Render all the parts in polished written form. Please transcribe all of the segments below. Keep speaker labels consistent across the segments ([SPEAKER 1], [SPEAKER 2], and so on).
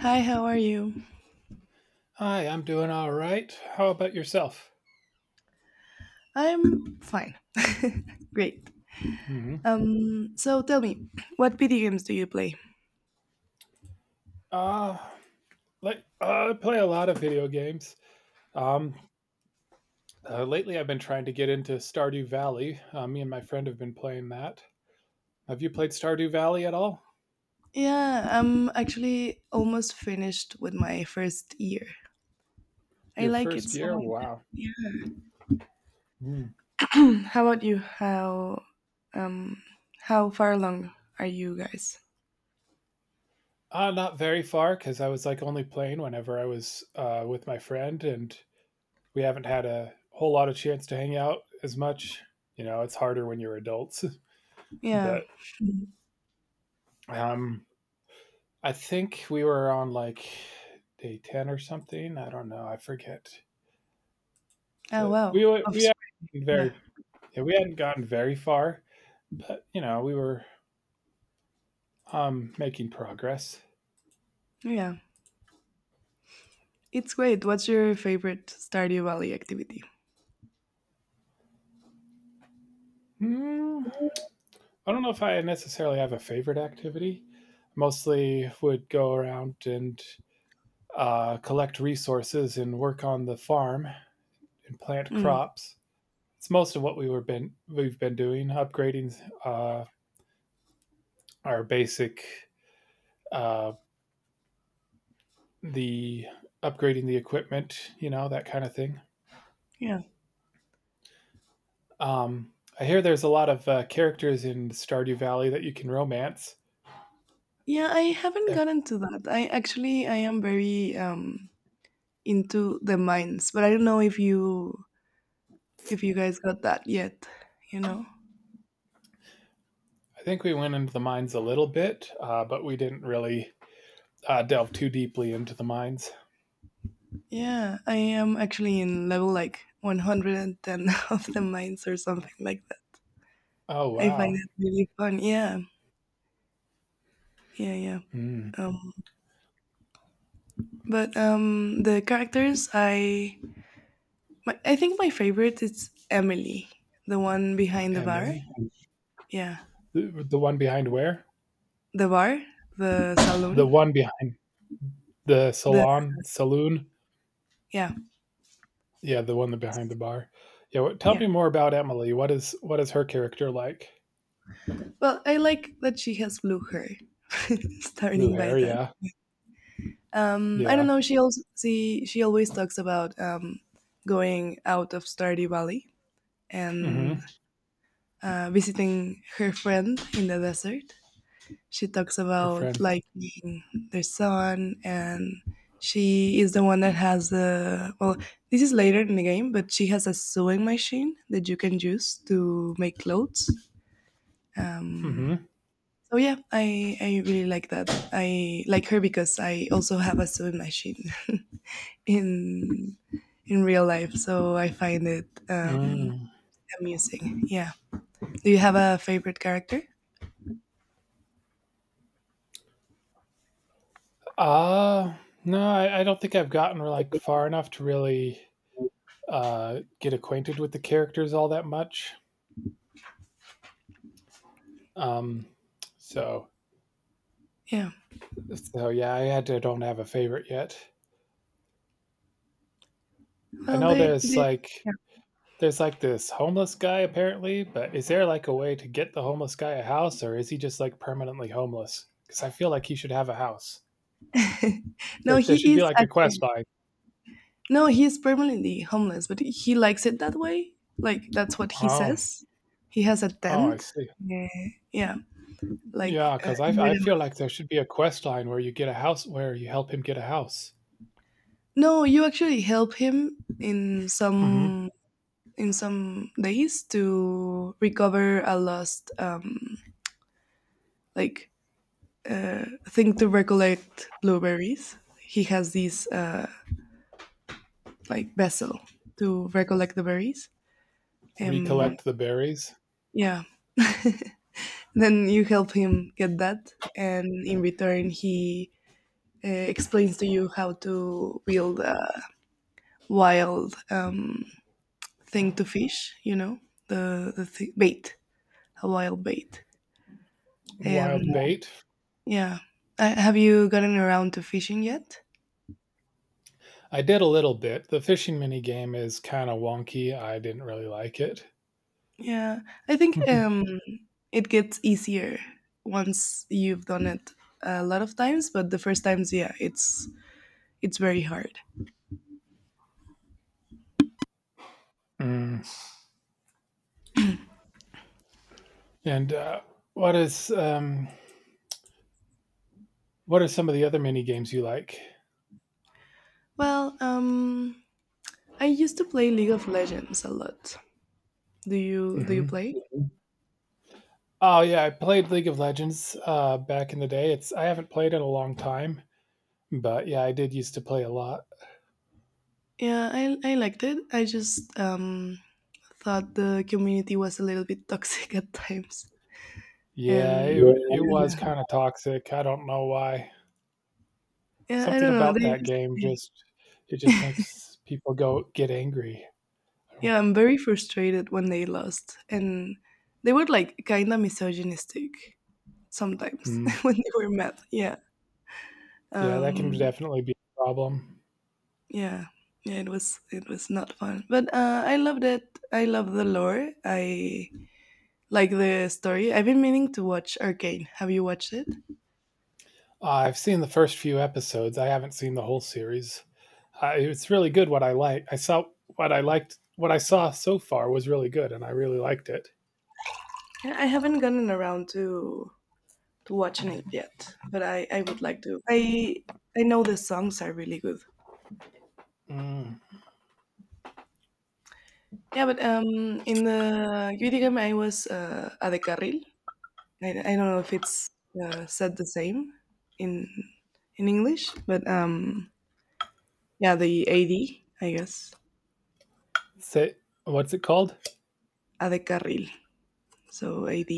[SPEAKER 1] Hi, how are you?
[SPEAKER 2] Hi, I'm doing all right. How about yourself?
[SPEAKER 1] I'm fine. Great.
[SPEAKER 2] Hmm.
[SPEAKER 1] So tell me, what video games do you play?
[SPEAKER 2] Uh, like I play a lot of video games. Um, Lately I've been trying to get into Stardew Valley. Me and my friend have been playing that. Have you played Stardew Valley at all?
[SPEAKER 1] Yeah, I'm actually almost finished with my first year. I
[SPEAKER 2] Your
[SPEAKER 1] like it
[SPEAKER 2] first
[SPEAKER 1] so
[SPEAKER 2] year?
[SPEAKER 1] much.
[SPEAKER 2] Wow. Mm.
[SPEAKER 1] Yeah. How about you? Um how far along are you guys?
[SPEAKER 2] Not very far, because I was like only playing whenever I was with my friend, and we haven't had a whole lot of chance to hang out as much. You know, it's harder when you're adults,
[SPEAKER 1] Yeah.
[SPEAKER 2] but um, I think we were on like day 10 or something. I don't know. I forget.
[SPEAKER 1] Oh
[SPEAKER 2] But
[SPEAKER 1] wow.
[SPEAKER 2] we
[SPEAKER 1] Offspring.
[SPEAKER 2] hadn't
[SPEAKER 1] Yeah.
[SPEAKER 2] very yeah, we hadn't gotten very far, but you know we were making progress.
[SPEAKER 1] Yeah. It's great. What's your favorite Stardew Valley activity?
[SPEAKER 2] Hmm, I don't know if I necessarily have a favorite activity. Mostly would go around and collect resources and work on the farm and plant
[SPEAKER 1] Mm,
[SPEAKER 2] crops. It's most of what we've been doing, upgrading uh, our basic, uh, the upgrading the equipment, you know, that kind of thing.
[SPEAKER 1] yeah.
[SPEAKER 2] Um, I hear there's a lot of characters in Stardew Valley that you can romance.
[SPEAKER 1] Yeah, I haven't
[SPEAKER 2] I
[SPEAKER 1] gotten to that. I actually I am very into the mines, but I don't know if you guys got that yet you know
[SPEAKER 2] think we went into the mines a little bit, but we didn't really delve too deeply into the mines.
[SPEAKER 1] yeah, I am actually in level like 110 of the mines or something like that.
[SPEAKER 2] Oh,
[SPEAKER 1] I find
[SPEAKER 2] wow.
[SPEAKER 1] it really fun. Yeah, yeah, yeah.
[SPEAKER 2] Hmm.
[SPEAKER 1] um but the characters I think my favorite is Emily, the one behind the bar.
[SPEAKER 2] Emily?
[SPEAKER 1] Yeah.
[SPEAKER 2] The one behind where?
[SPEAKER 1] The bar. The saloon.
[SPEAKER 2] The one behind the
[SPEAKER 1] The
[SPEAKER 2] salon, saloon?
[SPEAKER 1] Yeah,
[SPEAKER 2] Yeah, the one that behind the bar. Yeah, tell
[SPEAKER 1] yeah.
[SPEAKER 2] me more about Emily. What is her character like?
[SPEAKER 1] Well, I like that she has blue hair,
[SPEAKER 2] Blue
[SPEAKER 1] starting by
[SPEAKER 2] hair,
[SPEAKER 1] that.
[SPEAKER 2] yeah.
[SPEAKER 1] I don't
[SPEAKER 2] Yeah.
[SPEAKER 1] know. She also she always talks about going out of Stardew Valley and
[SPEAKER 2] Hmm.
[SPEAKER 1] visiting her friend in the desert. She talks
[SPEAKER 2] Her
[SPEAKER 1] about
[SPEAKER 2] friend.
[SPEAKER 1] liking the sun, and she is the one that has the well. This is later in the game, but she has a sewing machine that you can use to make clothes. Um,
[SPEAKER 2] Mhm.
[SPEAKER 1] so yeah, I really like that. I like her because I also have a sewing machine in real life. So I find it
[SPEAKER 2] Mm.
[SPEAKER 1] amusing. Yeah. Do you have a favorite character?
[SPEAKER 2] Uh, no, I don't think I've gotten like far enough to really get acquainted with the characters all that much. Um, so,
[SPEAKER 1] Yeah.
[SPEAKER 2] so yeah, I had to don't have a favorite yet. I
[SPEAKER 1] Well,
[SPEAKER 2] know
[SPEAKER 1] they
[SPEAKER 2] there's like this homeless guy apparently, but is there like a way to get the homeless guy a house, or is he just like permanently homeless? Because I feel like he should have a house.
[SPEAKER 1] yeah. no,
[SPEAKER 2] There
[SPEAKER 1] he
[SPEAKER 2] should be
[SPEAKER 1] is
[SPEAKER 2] like a
[SPEAKER 1] actually
[SPEAKER 2] quest line.
[SPEAKER 1] no, he is permanently homeless, but he likes it that way. Like that's what he
[SPEAKER 2] Oh,
[SPEAKER 1] says. He has a
[SPEAKER 2] oh, I
[SPEAKER 1] tent.
[SPEAKER 2] see.
[SPEAKER 1] Yeah, yeah. Like
[SPEAKER 2] Yeah,
[SPEAKER 1] uh,
[SPEAKER 2] cause I
[SPEAKER 1] near
[SPEAKER 2] I
[SPEAKER 1] the-
[SPEAKER 2] feel like there should be a quest line where you get a house where you help him get a house.
[SPEAKER 1] no, you actually help him
[SPEAKER 2] Mhm.
[SPEAKER 1] in some days to recover a lost like thing to recollect blueberries. He has this like vessel to recollect the berries. Um,
[SPEAKER 2] Recollect the berries,
[SPEAKER 1] yeah. Then you help him get that, and in return, he explains to you how to build a wild thing to fish. The bait, a wild bait. Um,
[SPEAKER 2] wild bait.
[SPEAKER 1] yeah. Have you gotten around to fishing yet?
[SPEAKER 2] I did a little bit. The fishing mini game is kinda wonky, I didn't really like it.
[SPEAKER 1] Yeah, I think
[SPEAKER 2] Mhm.
[SPEAKER 1] it gets easier once you've done it a lot of times, but the first times, yeah, it's very hard.
[SPEAKER 2] Mm. And what is, um, what are some of the other mini games you like?
[SPEAKER 1] Well, I used to play League of Legends a lot. Do you
[SPEAKER 2] Mhm.
[SPEAKER 1] play?
[SPEAKER 2] Oh, yeah, I played League of Legends, back in the day. It's I haven't played in a long time, but, yeah, I did used to play a lot.
[SPEAKER 1] Yeah, I liked it. I just thought the community was a little bit toxic at times,
[SPEAKER 2] Yeah,
[SPEAKER 1] and
[SPEAKER 2] it
[SPEAKER 1] Yeah.
[SPEAKER 2] it was
[SPEAKER 1] Yeah,
[SPEAKER 2] kinda toxic, I don't know why.
[SPEAKER 1] yeah, I
[SPEAKER 2] Something
[SPEAKER 1] don't know.
[SPEAKER 2] about
[SPEAKER 1] They
[SPEAKER 2] that
[SPEAKER 1] just
[SPEAKER 2] game just, it just makes people go get angry.
[SPEAKER 1] Yeah, I'm very frustrated when they lost, and they were like kind of misogynistic sometimes
[SPEAKER 2] Hmm.
[SPEAKER 1] when they were mad. Yeah.
[SPEAKER 2] Yeah, that can
[SPEAKER 1] Um,
[SPEAKER 2] definitely be a problem.
[SPEAKER 1] yeah, yeah, it was not fun, but I loved it. I love the lore. I like the story. I've been meaning to watch Arcane. Have you watched it?
[SPEAKER 2] I've seen the first few episodes. I haven't seen the whole series. It's really good. I saw what I liked. What I saw so far was really good, and I really liked it.
[SPEAKER 1] Yeah, I haven't gotten around to watching it yet, but I would like to. I know the songs are really good.
[SPEAKER 2] Mm.
[SPEAKER 1] Yeah, but in the video game I was a de carril. I don't know if it's said the same in English, but yeah, the AD, I guess.
[SPEAKER 2] Say, what's it called
[SPEAKER 1] Adecarril, so AD.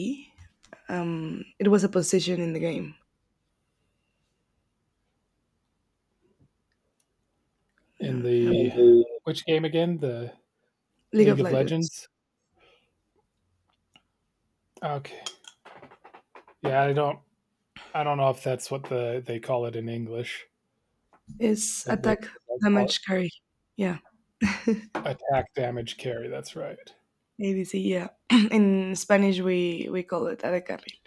[SPEAKER 1] It was a position in the game. No,
[SPEAKER 2] in the which game again? The
[SPEAKER 1] League of
[SPEAKER 2] League of
[SPEAKER 1] Legends.
[SPEAKER 2] Legends. Okay. Yeah, I don't. I don't know if that's what they call it in English,
[SPEAKER 1] It's
[SPEAKER 2] but they,
[SPEAKER 1] attack,
[SPEAKER 2] they call
[SPEAKER 1] damage, carry. Yeah,
[SPEAKER 2] Attack, damage, carry. That's right.
[SPEAKER 1] ADC. Yeah, in Spanish we call it adecarril.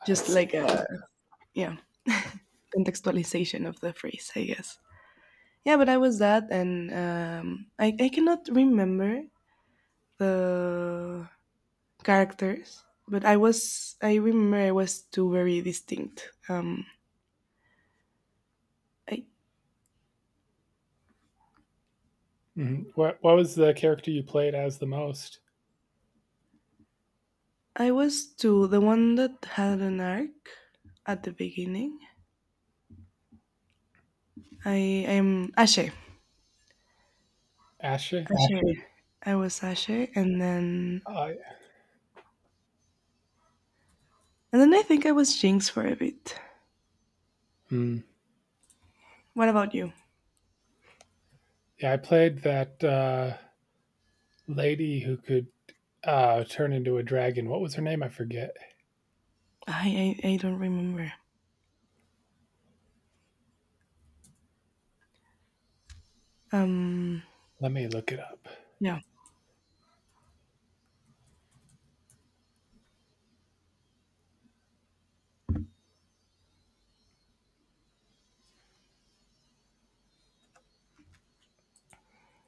[SPEAKER 2] I
[SPEAKER 1] Just like a,
[SPEAKER 2] see.
[SPEAKER 1] yeah, contextualization of the phrase, I guess. Yeah, but I was that, and I cannot remember the characters, but I remember I was two very distinct. I
[SPEAKER 2] Mhm. What was the character you played as the most?
[SPEAKER 1] I was too the one that had an arc at the beginning. I am Ashe.
[SPEAKER 2] Ashley.
[SPEAKER 1] Ashe. I was Ashe, and then
[SPEAKER 2] I
[SPEAKER 1] and then I think I was Jinx for a bit.
[SPEAKER 2] Hmm,
[SPEAKER 1] What about you?
[SPEAKER 2] yeah, I played that lady who could turn into a dragon. What was her name? I forget.
[SPEAKER 1] I don't remember. Um.
[SPEAKER 2] Let me look it up.
[SPEAKER 1] Yeah.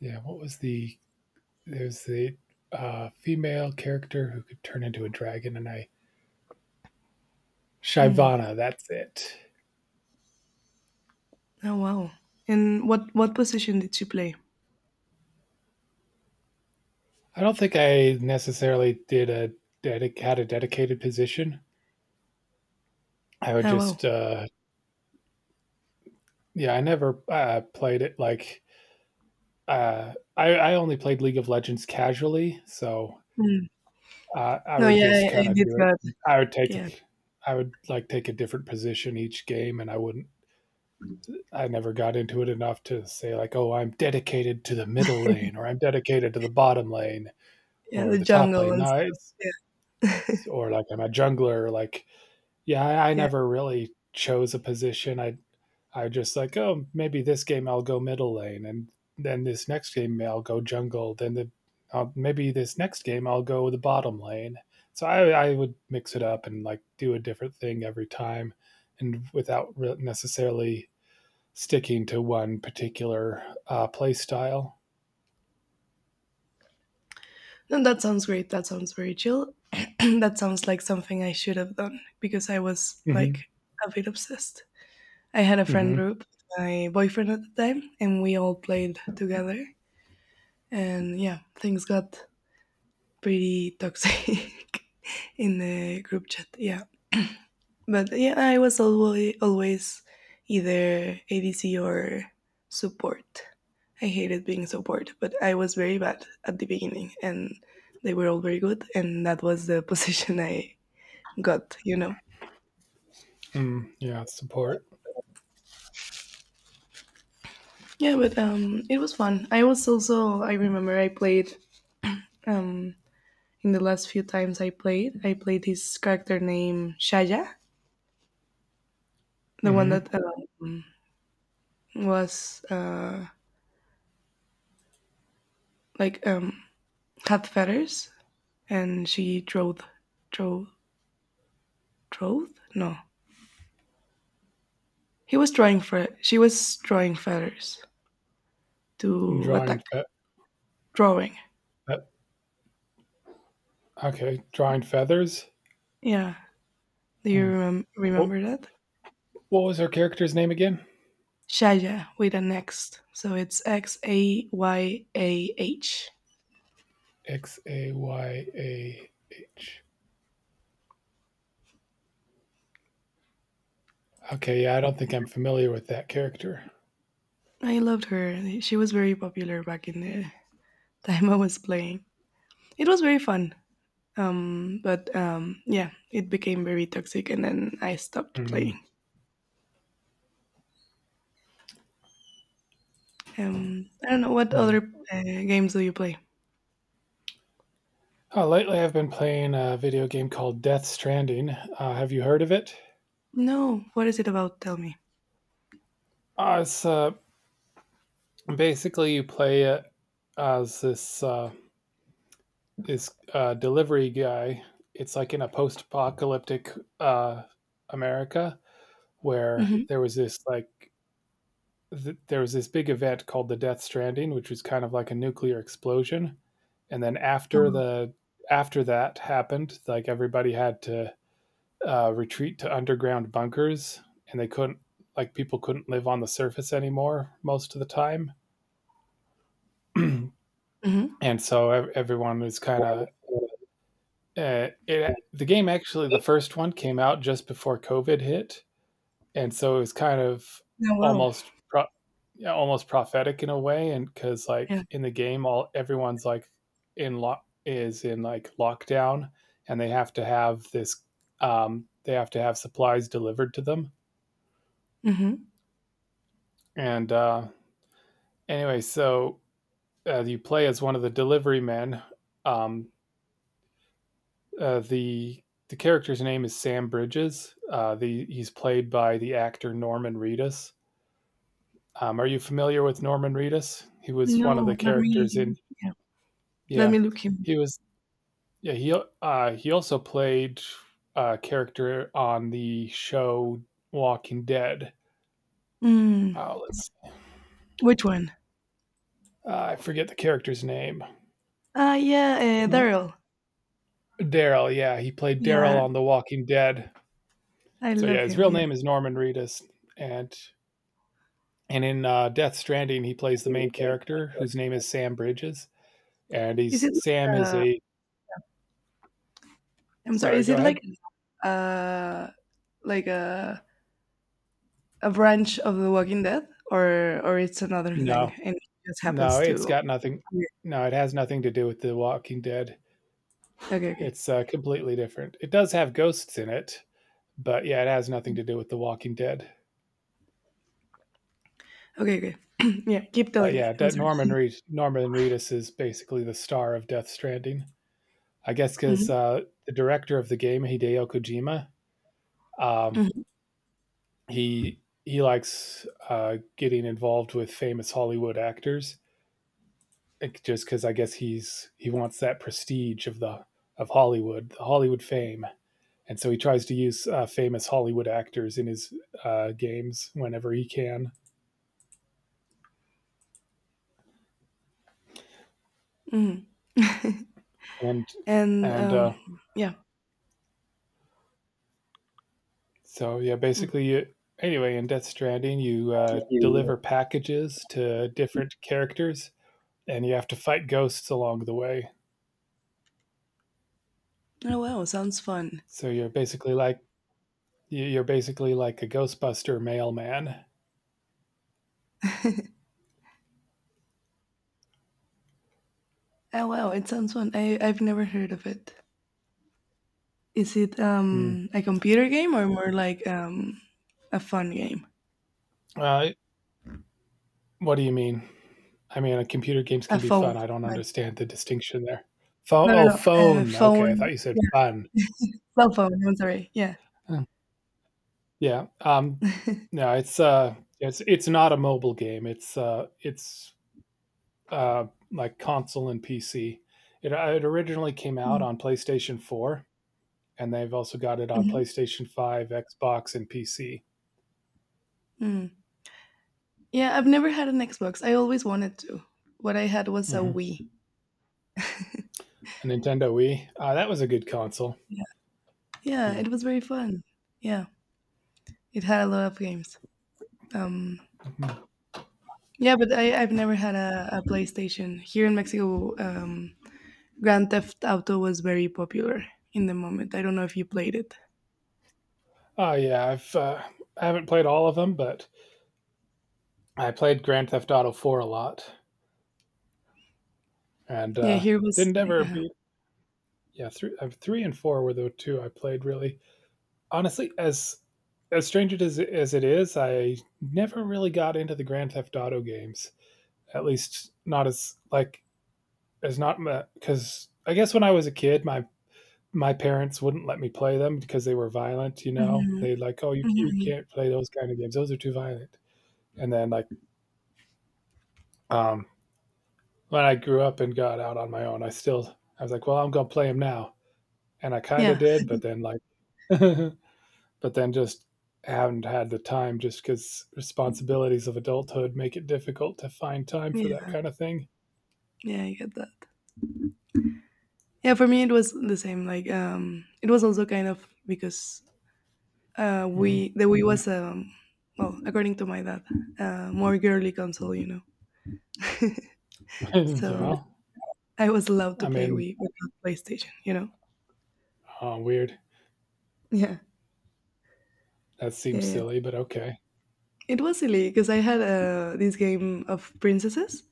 [SPEAKER 2] Yeah, what was the there's the female character who could turn into a dragon, and I.
[SPEAKER 1] Hmm.
[SPEAKER 2] Shyvana. That's it.
[SPEAKER 1] Oh wow. And what position did you play?
[SPEAKER 2] I don't think I necessarily had a dedicated position. I would
[SPEAKER 1] Oh wow.
[SPEAKER 2] just Yeah, I never played it. Like, I only played League of Legends casually, so
[SPEAKER 1] Hmm.
[SPEAKER 2] I
[SPEAKER 1] No,
[SPEAKER 2] would
[SPEAKER 1] yeah,
[SPEAKER 2] just
[SPEAKER 1] I
[SPEAKER 2] kind of
[SPEAKER 1] did
[SPEAKER 2] do it.
[SPEAKER 1] that.
[SPEAKER 2] I would take,
[SPEAKER 1] Yeah.
[SPEAKER 2] I would like take a different position each game, and I wouldn't. I never got into it enough to say like, oh, I'm dedicated to the middle lane, or I'm dedicated to the bottom lane,
[SPEAKER 1] Yeah, the
[SPEAKER 2] or the top
[SPEAKER 1] jungle
[SPEAKER 2] lane.
[SPEAKER 1] and
[SPEAKER 2] No,
[SPEAKER 1] stuff.
[SPEAKER 2] it's,
[SPEAKER 1] Yeah.
[SPEAKER 2] or like I'm a jungler. Like, yeah, I, I
[SPEAKER 1] yeah.
[SPEAKER 2] never really chose a position. I just like, oh, maybe this game I'll go middle lane, and then this next game I'll go jungle, then the maybe this next game I'll go the bottom lane. So I would mix it up and like do a different thing every time, and without necessarily sticking to one particular play style.
[SPEAKER 1] And that sounds great. That sounds very chill. that sounds like something I should have done because I was
[SPEAKER 2] Mm-hmm.
[SPEAKER 1] like a bit obsessed. I had a friend
[SPEAKER 2] Mm-hmm.
[SPEAKER 1] group, my boyfriend at the time, and we all played together. And yeah, things got pretty toxic in the group chat. Yeah. But yeah, I was always either ADC or support. I hated being support, but I was very bad at the beginning, and they were all very good, and that was the position I got.
[SPEAKER 2] Mm, yeah, support.
[SPEAKER 1] Yeah. But it was fun. I was also I remember I played um in the last few times I played. I played his character name Shaya, the one
[SPEAKER 2] Mm-hmm.
[SPEAKER 1] that was like had feathers and she drove drove. No, he was drawing. For She was drawing feathers to
[SPEAKER 2] Drawing.
[SPEAKER 1] attack. Drawing.
[SPEAKER 2] Fe- okay, drawing feathers.
[SPEAKER 1] Yeah. Do you
[SPEAKER 2] Mm. What,
[SPEAKER 1] remember that?
[SPEAKER 2] what was her character's name again?
[SPEAKER 1] Shaya with an X, so it's Xayah
[SPEAKER 2] Xayah. Okay, yeah, I don't think I'm familiar with that character.
[SPEAKER 1] I loved her. She was very popular back in the time. I was playing. It was very fun. But yeah, it became very toxic, and then I stopped
[SPEAKER 2] Mm,
[SPEAKER 1] playing. I don't know what
[SPEAKER 2] yeah.
[SPEAKER 1] other games do you play?
[SPEAKER 2] Lately, I've been playing a video game called Death Stranding. Have you heard of it?
[SPEAKER 1] No, what is it about? Tell me.
[SPEAKER 2] It's Basically you play it as this this delivery guy. It's like in a post-apocalyptic, uh, America, where
[SPEAKER 1] Mhm.
[SPEAKER 2] there was there was this big event called the Death Stranding, which was kind of like a nuclear explosion, and then
[SPEAKER 1] Oh, wow.
[SPEAKER 2] after that happened, like everybody had to retreat to underground bunkers, and they couldn't like people couldn't live on the surface anymore most of the time, and
[SPEAKER 1] Mhm.
[SPEAKER 2] so everyone was kind of it. The game actually, the first one came out just before COVID hit, and so it was kind of
[SPEAKER 1] Oh, wow.
[SPEAKER 2] almost yeah, almost prophetic in a way. And cuz
[SPEAKER 1] Yeah.
[SPEAKER 2] like in the game, all everyone's like in lock is in like lockdown, and they have to have supplies delivered to them.
[SPEAKER 1] Mhm.
[SPEAKER 2] And anyway, so, you play as one of the delivery men. Um uh, the the character's name is Sam Bridges. The He's played by the actor Norman Reedus. Are you familiar with Norman Reedus? He was one of
[SPEAKER 1] No,
[SPEAKER 2] the
[SPEAKER 1] let me
[SPEAKER 2] characters in.
[SPEAKER 1] yeah, let me
[SPEAKER 2] Yeah,
[SPEAKER 1] look him.
[SPEAKER 2] he was. Yeah, he also played a character on the show Walking Dead.
[SPEAKER 1] Mm.
[SPEAKER 2] Let's.
[SPEAKER 1] Which one?
[SPEAKER 2] I forget the character's name.
[SPEAKER 1] Ah, yeah,
[SPEAKER 2] No,
[SPEAKER 1] Daryl.
[SPEAKER 2] Daryl. Yeah, he played Daryl
[SPEAKER 1] Yeah,
[SPEAKER 2] on The Walking Dead.
[SPEAKER 1] I
[SPEAKER 2] So
[SPEAKER 1] love
[SPEAKER 2] yeah, his
[SPEAKER 1] him.
[SPEAKER 2] real
[SPEAKER 1] Yeah.
[SPEAKER 2] name is Norman Reedus, and in Death Stranding, he plays the main character whose name is Sam Bridges, and
[SPEAKER 1] Is
[SPEAKER 2] he's
[SPEAKER 1] it
[SPEAKER 2] Sam
[SPEAKER 1] like
[SPEAKER 2] is
[SPEAKER 1] a?
[SPEAKER 2] a.
[SPEAKER 1] I'm sorry.
[SPEAKER 2] Sorry,
[SPEAKER 1] Is
[SPEAKER 2] go
[SPEAKER 1] it
[SPEAKER 2] ahead.
[SPEAKER 1] uh like a branch of The Walking Dead, or it's another thing,
[SPEAKER 2] No,
[SPEAKER 1] and it just
[SPEAKER 2] No,
[SPEAKER 1] happens
[SPEAKER 2] it's
[SPEAKER 1] to.
[SPEAKER 2] got nothing.
[SPEAKER 1] Okay.
[SPEAKER 2] No, it has nothing to do with The Walking Dead.
[SPEAKER 1] Okay. Okay.
[SPEAKER 2] It's completely different. It does have ghosts in it, but yeah, it has nothing to do with The Walking Dead.
[SPEAKER 1] Okay. Okay. yeah. Keep
[SPEAKER 2] But
[SPEAKER 1] telling
[SPEAKER 2] yeah,
[SPEAKER 1] me. I'm
[SPEAKER 2] that
[SPEAKER 1] sorry.
[SPEAKER 2] Norman Reedus is basically the star of Death Stranding. I guess because
[SPEAKER 1] hmm
[SPEAKER 2] the director of the game, Hideo Kojima, um,
[SPEAKER 1] hmm
[SPEAKER 2] he likes getting involved with famous Hollywood actors, like, just because I guess he wants that prestige of the of Hollywood, the Hollywood fame. And so he tries to use famous Hollywood actors in his games whenever he can.
[SPEAKER 1] hmm
[SPEAKER 2] And
[SPEAKER 1] And
[SPEAKER 2] and uh,
[SPEAKER 1] yeah.
[SPEAKER 2] so yeah,
[SPEAKER 1] Mm.
[SPEAKER 2] basically, you, anyway, in Death Stranding, you
[SPEAKER 1] I think you
[SPEAKER 2] deliver packages to different characters, and you have to fight ghosts along the way.
[SPEAKER 1] Oh wow, sounds fun.
[SPEAKER 2] So you're basically like, are basically like a Ghostbuster mailman.
[SPEAKER 1] Oh wow, it sounds fun. I've never heard of it. Is it
[SPEAKER 2] Hmm.
[SPEAKER 1] a computer game or more like a fun game?
[SPEAKER 2] Uh, what do you mean? I mean, computer games
[SPEAKER 1] A
[SPEAKER 2] can be
[SPEAKER 1] phone,
[SPEAKER 2] fun. I don't
[SPEAKER 1] like
[SPEAKER 2] understand the distinction there. Phone,
[SPEAKER 1] no, no,
[SPEAKER 2] oh,
[SPEAKER 1] no, a
[SPEAKER 2] phone. Okay, I
[SPEAKER 1] phone.
[SPEAKER 2] thought you said
[SPEAKER 1] Yeah,
[SPEAKER 2] fun.
[SPEAKER 1] cell phone. I'm sorry. Yeah.
[SPEAKER 2] Yeah, no, it's not a mobile game. It's, uh, like console and PC. It originally came out
[SPEAKER 1] Mm,
[SPEAKER 2] on PlayStation 4, and they've also got it on
[SPEAKER 1] mhm,
[SPEAKER 2] PlayStation 5, Xbox, and PC.
[SPEAKER 1] mm. Yeah, I've never had an Xbox. I always wanted to. What I had was a
[SPEAKER 2] Mhm.
[SPEAKER 1] Wii.
[SPEAKER 2] A Nintendo Wii, that was a good console.
[SPEAKER 1] Yeah, yeah,
[SPEAKER 2] Yeah.
[SPEAKER 1] it was very fun. Yeah, it had a lot of games. Um, Yeah, but I've never had a PlayStation. Here in Mexico, Grand Theft Auto was very popular in the moment. I don't know if you played it.
[SPEAKER 2] Oh yeah, I haven't played all of them, but I played Grand Theft Auto 4 a lot, and,
[SPEAKER 1] Yeah, here was.
[SPEAKER 2] didn't ever
[SPEAKER 1] Yeah.
[SPEAKER 2] beat. Yeah, thr 3 and 4 were the 2 I played really. Honestly, as strange it is as it is, I never really got into the Grand Theft Auto games. At least not, as like as not because I guess when I was a kid, my parents wouldn't let me play them because they were violent. You know,
[SPEAKER 1] Mhm,
[SPEAKER 2] they would like, oh, you
[SPEAKER 1] mhm.
[SPEAKER 2] can't play those kind of games; those are too violent. And then like, um, when I grew up and got out on my own, I was like, well, I'm gonna play them now, and I kind of
[SPEAKER 1] Yeah,
[SPEAKER 2] did, but then like but then just haven't had the time, just because responsibilities of adulthood make it difficult to find time for that
[SPEAKER 1] yeah,
[SPEAKER 2] kind of thing.
[SPEAKER 1] yeah, I get that. Yeah, for me it was the same. Like, it was also kind of because we the Wii was, well, according to my dad, more girly console.
[SPEAKER 2] Mm-hmm.
[SPEAKER 1] So
[SPEAKER 2] Yeah,
[SPEAKER 1] I was allowed to
[SPEAKER 2] I
[SPEAKER 1] play
[SPEAKER 2] mean,
[SPEAKER 1] Wii, but not PlayStation.
[SPEAKER 2] oh, weird.
[SPEAKER 1] Yeah,
[SPEAKER 2] That
[SPEAKER 1] yeah,
[SPEAKER 2] seems
[SPEAKER 1] yeah.
[SPEAKER 2] silly, but okay.
[SPEAKER 1] It was silly because I had this game of princesses.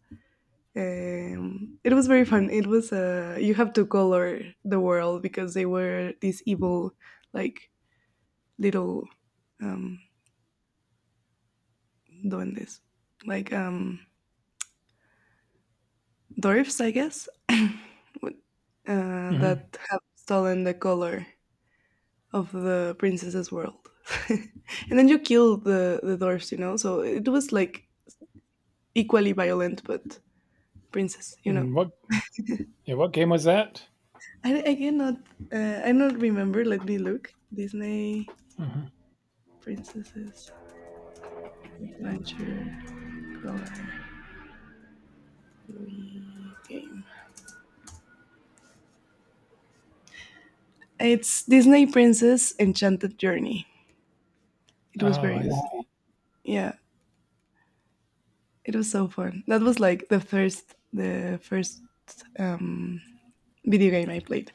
[SPEAKER 1] It was very fun. It was you have to color the world because they were these evil, like little um, duendes, like dwarfs, I guess, with-
[SPEAKER 2] Mm-hmm.
[SPEAKER 1] that have stolen the color of the princess's world. And then you kill the dwarfs. So it was like equally violent, but princess.
[SPEAKER 2] And what? Yeah, what game was that?
[SPEAKER 1] I cannot. I don't remember. Let me look. Disney
[SPEAKER 2] Mm-hmm.
[SPEAKER 1] Princesses Adventure Color Game. It's Disney Princess Enchanted Journey. It was
[SPEAKER 2] Oh,
[SPEAKER 1] very
[SPEAKER 2] I
[SPEAKER 1] good.
[SPEAKER 2] see.
[SPEAKER 1] Yeah, it was so fun. That was like the first um, video game I played.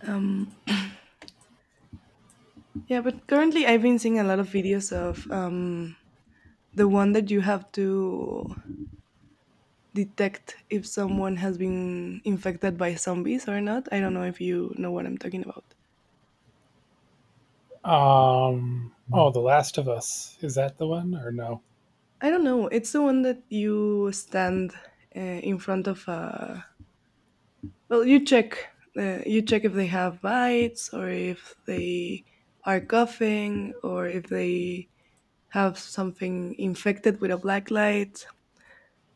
[SPEAKER 1] Um, yeah, but currently I've been seeing a lot of videos of the one that you have to detect if someone has been infected by zombies or not. I don't know if you know what I'm talking about.
[SPEAKER 2] Oh, The Last of Us. Is that the one or no?
[SPEAKER 1] I don't know. It's the one that you stand in front of a. Well, you check. You check if they have bites or if they are coughing or if they have something infected with a black light.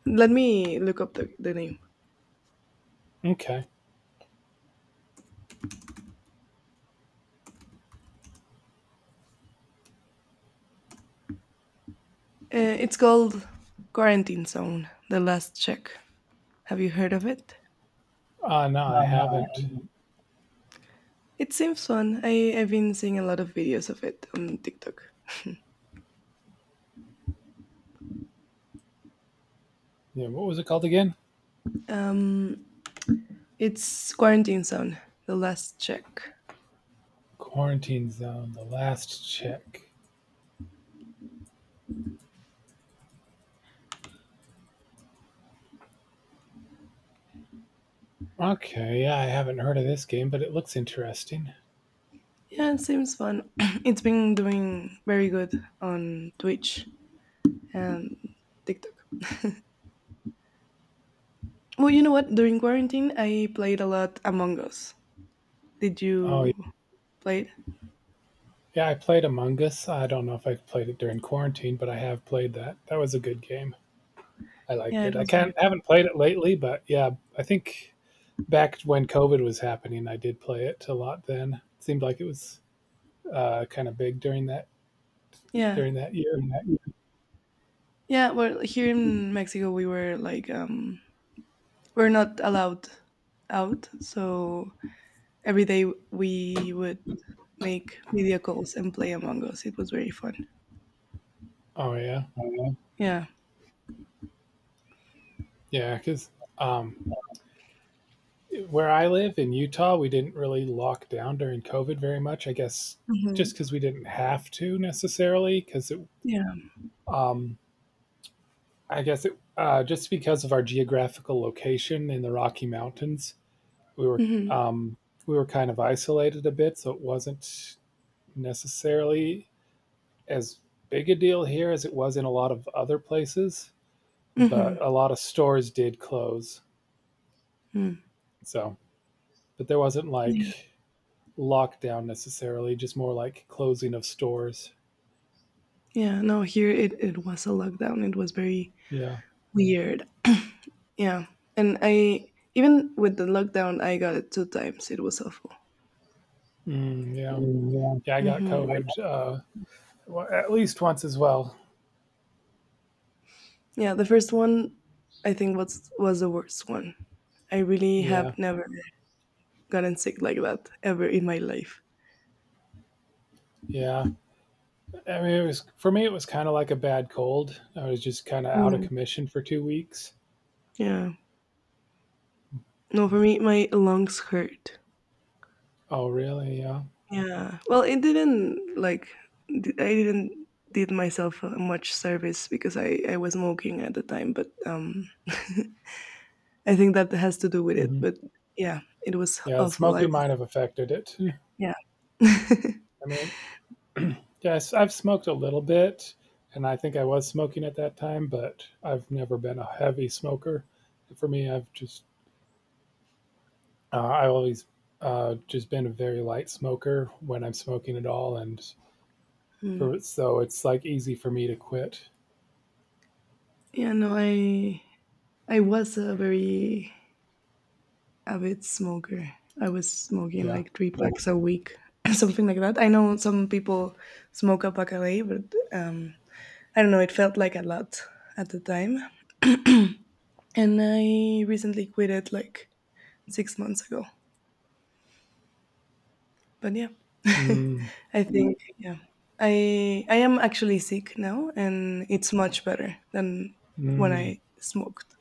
[SPEAKER 1] Let me look up the name.
[SPEAKER 2] Okay.
[SPEAKER 1] It's called Quarantine Zone, the last check. Have you heard of it?
[SPEAKER 2] No, I
[SPEAKER 1] No,
[SPEAKER 2] haven't.
[SPEAKER 1] it seems fun. I've been seeing a lot of videos of it on TikTok.
[SPEAKER 2] Yeah, what was it called again?
[SPEAKER 1] Um, it's Quarantine Zone, the last check.
[SPEAKER 2] Quarantine Zone. The last check. Okay. Yeah, I haven't heard of this game, but it looks interesting.
[SPEAKER 1] Yeah, it seems fun. It's been doing very good on Twitch and TikTok. Well, you know what? During quarantine, I played a lot Among Us. Did
[SPEAKER 2] Oh
[SPEAKER 1] you
[SPEAKER 2] yeah,
[SPEAKER 1] play it?
[SPEAKER 2] yeah. I played Among Us. I don't know if I played it during quarantine, but I have played that. That was a good game. I liked
[SPEAKER 1] Yeah, it
[SPEAKER 2] it. I
[SPEAKER 1] was very
[SPEAKER 2] can't
[SPEAKER 1] fun.
[SPEAKER 2] haven't played it lately, but yeah, I think back when COVID was happening, I did play it a lot. Then it seemed like it was kind of big during that
[SPEAKER 1] Yeah.
[SPEAKER 2] during that year.
[SPEAKER 1] Yeah, well, here in Mexico, we were like, we're not allowed out. So every day we would make media calls and play Among Us. It was very fun.
[SPEAKER 2] Oh yeah,
[SPEAKER 1] Oh, yeah.
[SPEAKER 2] yeah. Because um, where I live in Utah, we didn't really lock down during COVID very much. I guess just
[SPEAKER 1] Hmm.
[SPEAKER 2] because we didn't have to necessarily, because it
[SPEAKER 1] Yeah.
[SPEAKER 2] um, I guess just because of our geographical location in the Rocky Mountains, we were
[SPEAKER 1] Hmm.
[SPEAKER 2] um, we were kind of isolated a bit, so it wasn't necessarily as big a deal here as it was in a lot of other places. But
[SPEAKER 1] Hmm.
[SPEAKER 2] a lot of stores did close,
[SPEAKER 1] Mm.
[SPEAKER 2] so but there wasn't
[SPEAKER 1] Yeah.
[SPEAKER 2] like lockdown necessarily, just more like closing of stores.
[SPEAKER 1] Yeah. No, here it was a lockdown. It was very
[SPEAKER 2] Yeah,
[SPEAKER 1] weird. yeah. And I, even with the lockdown, I got it two times. It was awful.
[SPEAKER 2] mm,
[SPEAKER 1] Yeah.
[SPEAKER 2] yeah,
[SPEAKER 1] Mm, yeah.
[SPEAKER 2] yeah. I got
[SPEAKER 1] Hmm.
[SPEAKER 2] COVID well, at least once as well.
[SPEAKER 1] Yeah. The first one, I think, was the worst one. I really
[SPEAKER 2] Yeah,
[SPEAKER 1] have never gotten sick like that ever in my life.
[SPEAKER 2] yeah. I mean, it was for me. It was kind of like a bad cold. I was just kind of out of
[SPEAKER 1] Mm.
[SPEAKER 2] commission for 2 weeks.
[SPEAKER 1] Yeah. No, for me, my lungs hurt.
[SPEAKER 2] Oh, really? Yeah.
[SPEAKER 1] Yeah. Well, it didn't I didn't did myself much service because I was smoking at the time, but I think that has to do with it.
[SPEAKER 2] hmm
[SPEAKER 1] But yeah, it was
[SPEAKER 2] Yeah, the
[SPEAKER 1] awful. I
[SPEAKER 2] smoking
[SPEAKER 1] was
[SPEAKER 2] might have affected it. I
[SPEAKER 1] Yeah.
[SPEAKER 2] mean, yes, I've smoked a little bit, and I think I was smoking at that time, but I've never been a heavy smoker. For me, I always just been a very light smoker when I'm smoking at all, and
[SPEAKER 1] Hmm.
[SPEAKER 2] for so it's like easy for me to quit.
[SPEAKER 1] Yeah. No, I was a very avid smoker. I was smoking
[SPEAKER 2] Yeah.
[SPEAKER 1] like three packs a week, something like that. I know some people smoke a pack a day, but um, I don't know, it felt like a lot at the time. And I recently quit it like 6 months ago. But yeah,
[SPEAKER 2] Mm,
[SPEAKER 1] I think, yeah. I am actually sick now, and it's much better than when
[SPEAKER 2] mm,
[SPEAKER 1] I smoked.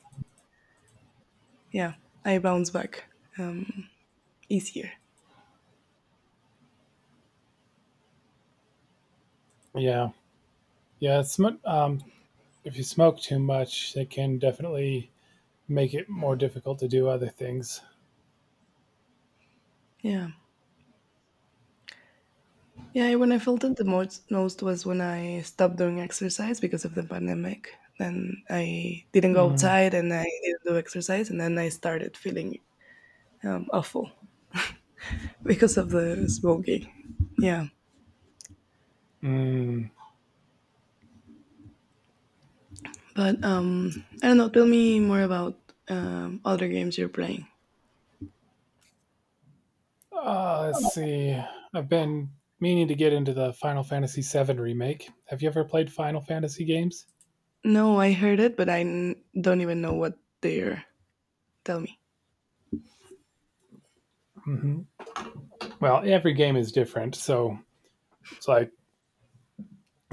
[SPEAKER 1] Yeah, I bounce back um, easier.
[SPEAKER 2] yeah. Yeah. If you smoke too much, it can definitely make it more difficult to do other things.
[SPEAKER 1] Yeah. Yeah, when I felt it the most was when I stopped doing exercise because of the pandemic. Then I didn't go
[SPEAKER 2] Mm.
[SPEAKER 1] outside and I didn't do exercise, and then I started feeling awful because of the smoking. Yeah,
[SPEAKER 2] Mm.
[SPEAKER 1] but I don't know. Tell me more about other games you're playing.
[SPEAKER 2] Let's see. I've been meaning to get into the Final Fantasy VII remake. Have you ever played Final Fantasy games?
[SPEAKER 1] No, I heard it, but don't even know what they're. Tell me.
[SPEAKER 2] Hmm Well, every game is different, so it's like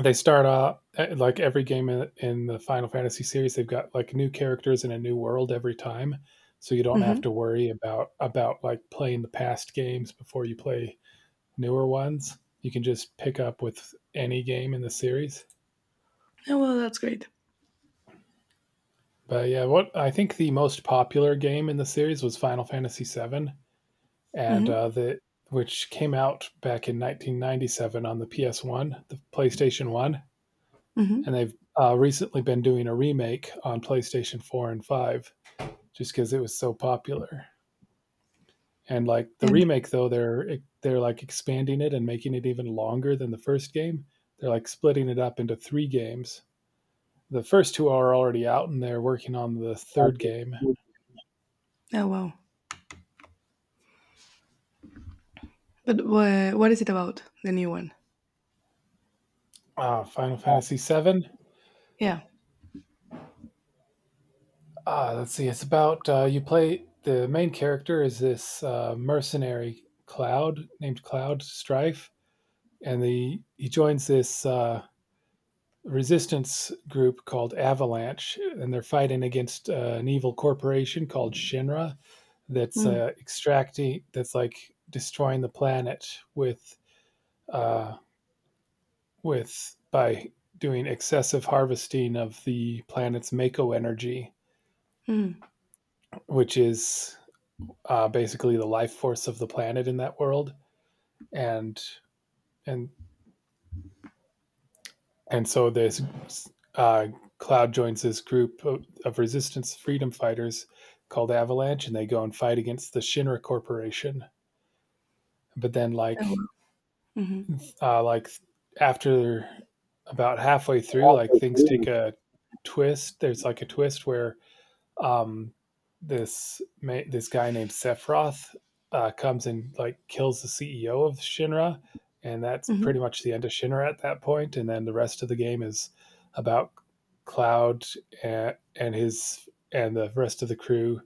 [SPEAKER 2] they start off eh, like every game in the Final Fantasy series. They've got like new characters in a new world every time, so you don't
[SPEAKER 1] Hmm.
[SPEAKER 2] have to worry about like playing the past games before you play newer ones. You can just pick up with any game in the series.
[SPEAKER 1] Oh well, that's great.
[SPEAKER 2] But yeah, what I think the most popular game in the series was Final Fantasy VII, and
[SPEAKER 1] Hmm.
[SPEAKER 2] the which came out back in 1997 on the PS1, the PlayStation One, and
[SPEAKER 1] Hmm.
[SPEAKER 2] they've recently been doing a remake on PlayStation Four and Five, just because it was so popular. And like the
[SPEAKER 1] And
[SPEAKER 2] remake, though, they're like expanding it and making it even longer than the first game. They're like splitting it up into three games. The first two are already out and they're working on the
[SPEAKER 1] oh
[SPEAKER 2] third game,
[SPEAKER 1] wow, but what is it about the new one?
[SPEAKER 2] Final Fantasy VII.
[SPEAKER 1] Yeah.
[SPEAKER 2] Let's see, it's about you play, the main character is this mercenary cloud named Cloud Strife, and the he joins this resistance group called Avalanche and they're fighting against an evil corporation called Shinra that's extracting that's like destroying the planet uh, with by doing excessive harvesting of the planet's mako energy,
[SPEAKER 1] Mm-hmm.
[SPEAKER 2] which is basically the life force of the planet in that world, and and and so this uh, Cloud joins this group of resistance freedom fighters called Avalanche, and they go and fight against the Shinra Corporation. But then,
[SPEAKER 1] Oh wow.
[SPEAKER 2] uh, like after about halfway through, like things take a twist. There's like a twist where um, this guy named Sephiroth comes and like kills the CEO of Shinra, and that's
[SPEAKER 1] Hmm.
[SPEAKER 2] pretty much the end of Shinra at that point. And then the rest of the game is about Cloud and the rest of the crew.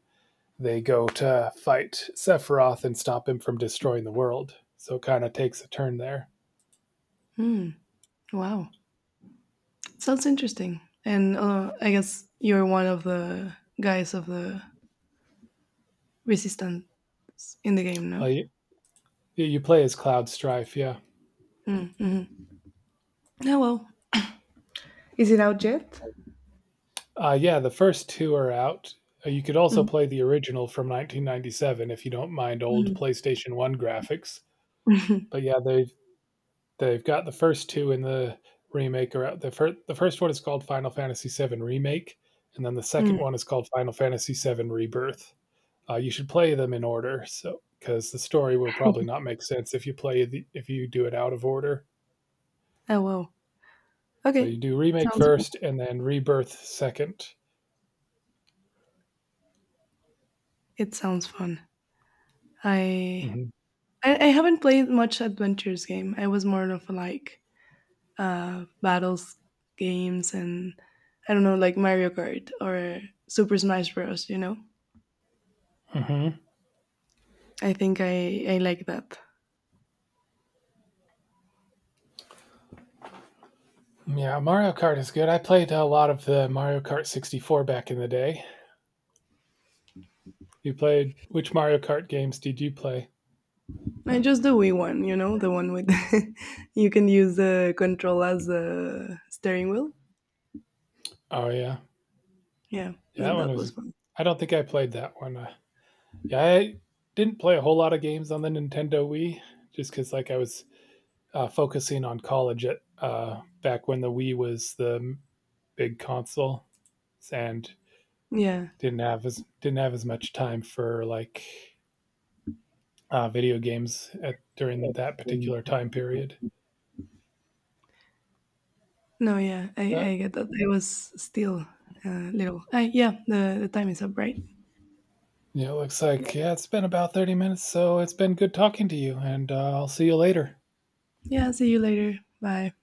[SPEAKER 2] They go to fight Sephiroth and stop him from destroying the world. So it kind of takes a turn there.
[SPEAKER 1] Hmm. Wow. Sounds interesting. And I guess you're one of the guys of the resistance in the game, no?
[SPEAKER 2] Well, you play as Cloud Strife, yeah.
[SPEAKER 1] Mm, mm-hmm. Oh, well. Is it out yet?
[SPEAKER 2] Yeah, the first two are out. You could also play the original from 1997 if you don't mind old
[SPEAKER 1] Mm-hmm.
[SPEAKER 2] PlayStation 1 graphics. But yeah, they've got the first two in the remake are out. The first one is called Final Fantasy Seven Remake, and then the second
[SPEAKER 1] mm
[SPEAKER 2] one is called Final Fantasy Seven Rebirth. You should play them in order, so because the story will probably not make sense if you play if you do it out of order.
[SPEAKER 1] Oh, well.
[SPEAKER 2] So
[SPEAKER 1] Okay.
[SPEAKER 2] you do remake
[SPEAKER 1] Sounds
[SPEAKER 2] first, and then rebirth 2nd.
[SPEAKER 1] It sounds fun. I,
[SPEAKER 2] Mm-hmm.
[SPEAKER 1] I haven't played much adventures game. I was more of like battles games and I don't know, like Mario Kart or Super Smash Bros.
[SPEAKER 2] Mm-hmm.
[SPEAKER 1] I think I like that.
[SPEAKER 2] Yeah, Mario Kart is good. I played a lot of the Mario Kart 64 back in the day. You played which Mario Kart games did you play?
[SPEAKER 1] I just the Wii one, the one with you can use the control as a steering wheel.
[SPEAKER 2] Oh yeah,
[SPEAKER 1] Yeah,
[SPEAKER 2] yeah, that
[SPEAKER 1] and
[SPEAKER 2] one
[SPEAKER 1] that was
[SPEAKER 2] was.
[SPEAKER 1] fun.
[SPEAKER 2] I don't think I played that one. Yeah, I didn't play a whole lot of games on the Nintendo Wii, just because like I was focusing on college at back when the Wii was the big console, and
[SPEAKER 1] Yeah.
[SPEAKER 2] didn't have as much time for like video games during that
[SPEAKER 1] And
[SPEAKER 2] particular time period.
[SPEAKER 1] No, yeah, I,
[SPEAKER 2] But
[SPEAKER 1] I get that. I was still little. Yeah, the time is up, right?
[SPEAKER 2] yeah, it looks like, yeah, it's been about 30 minutes, so it's been good talking to you, and I'll see you later.
[SPEAKER 1] Yeah, see you later. Bye.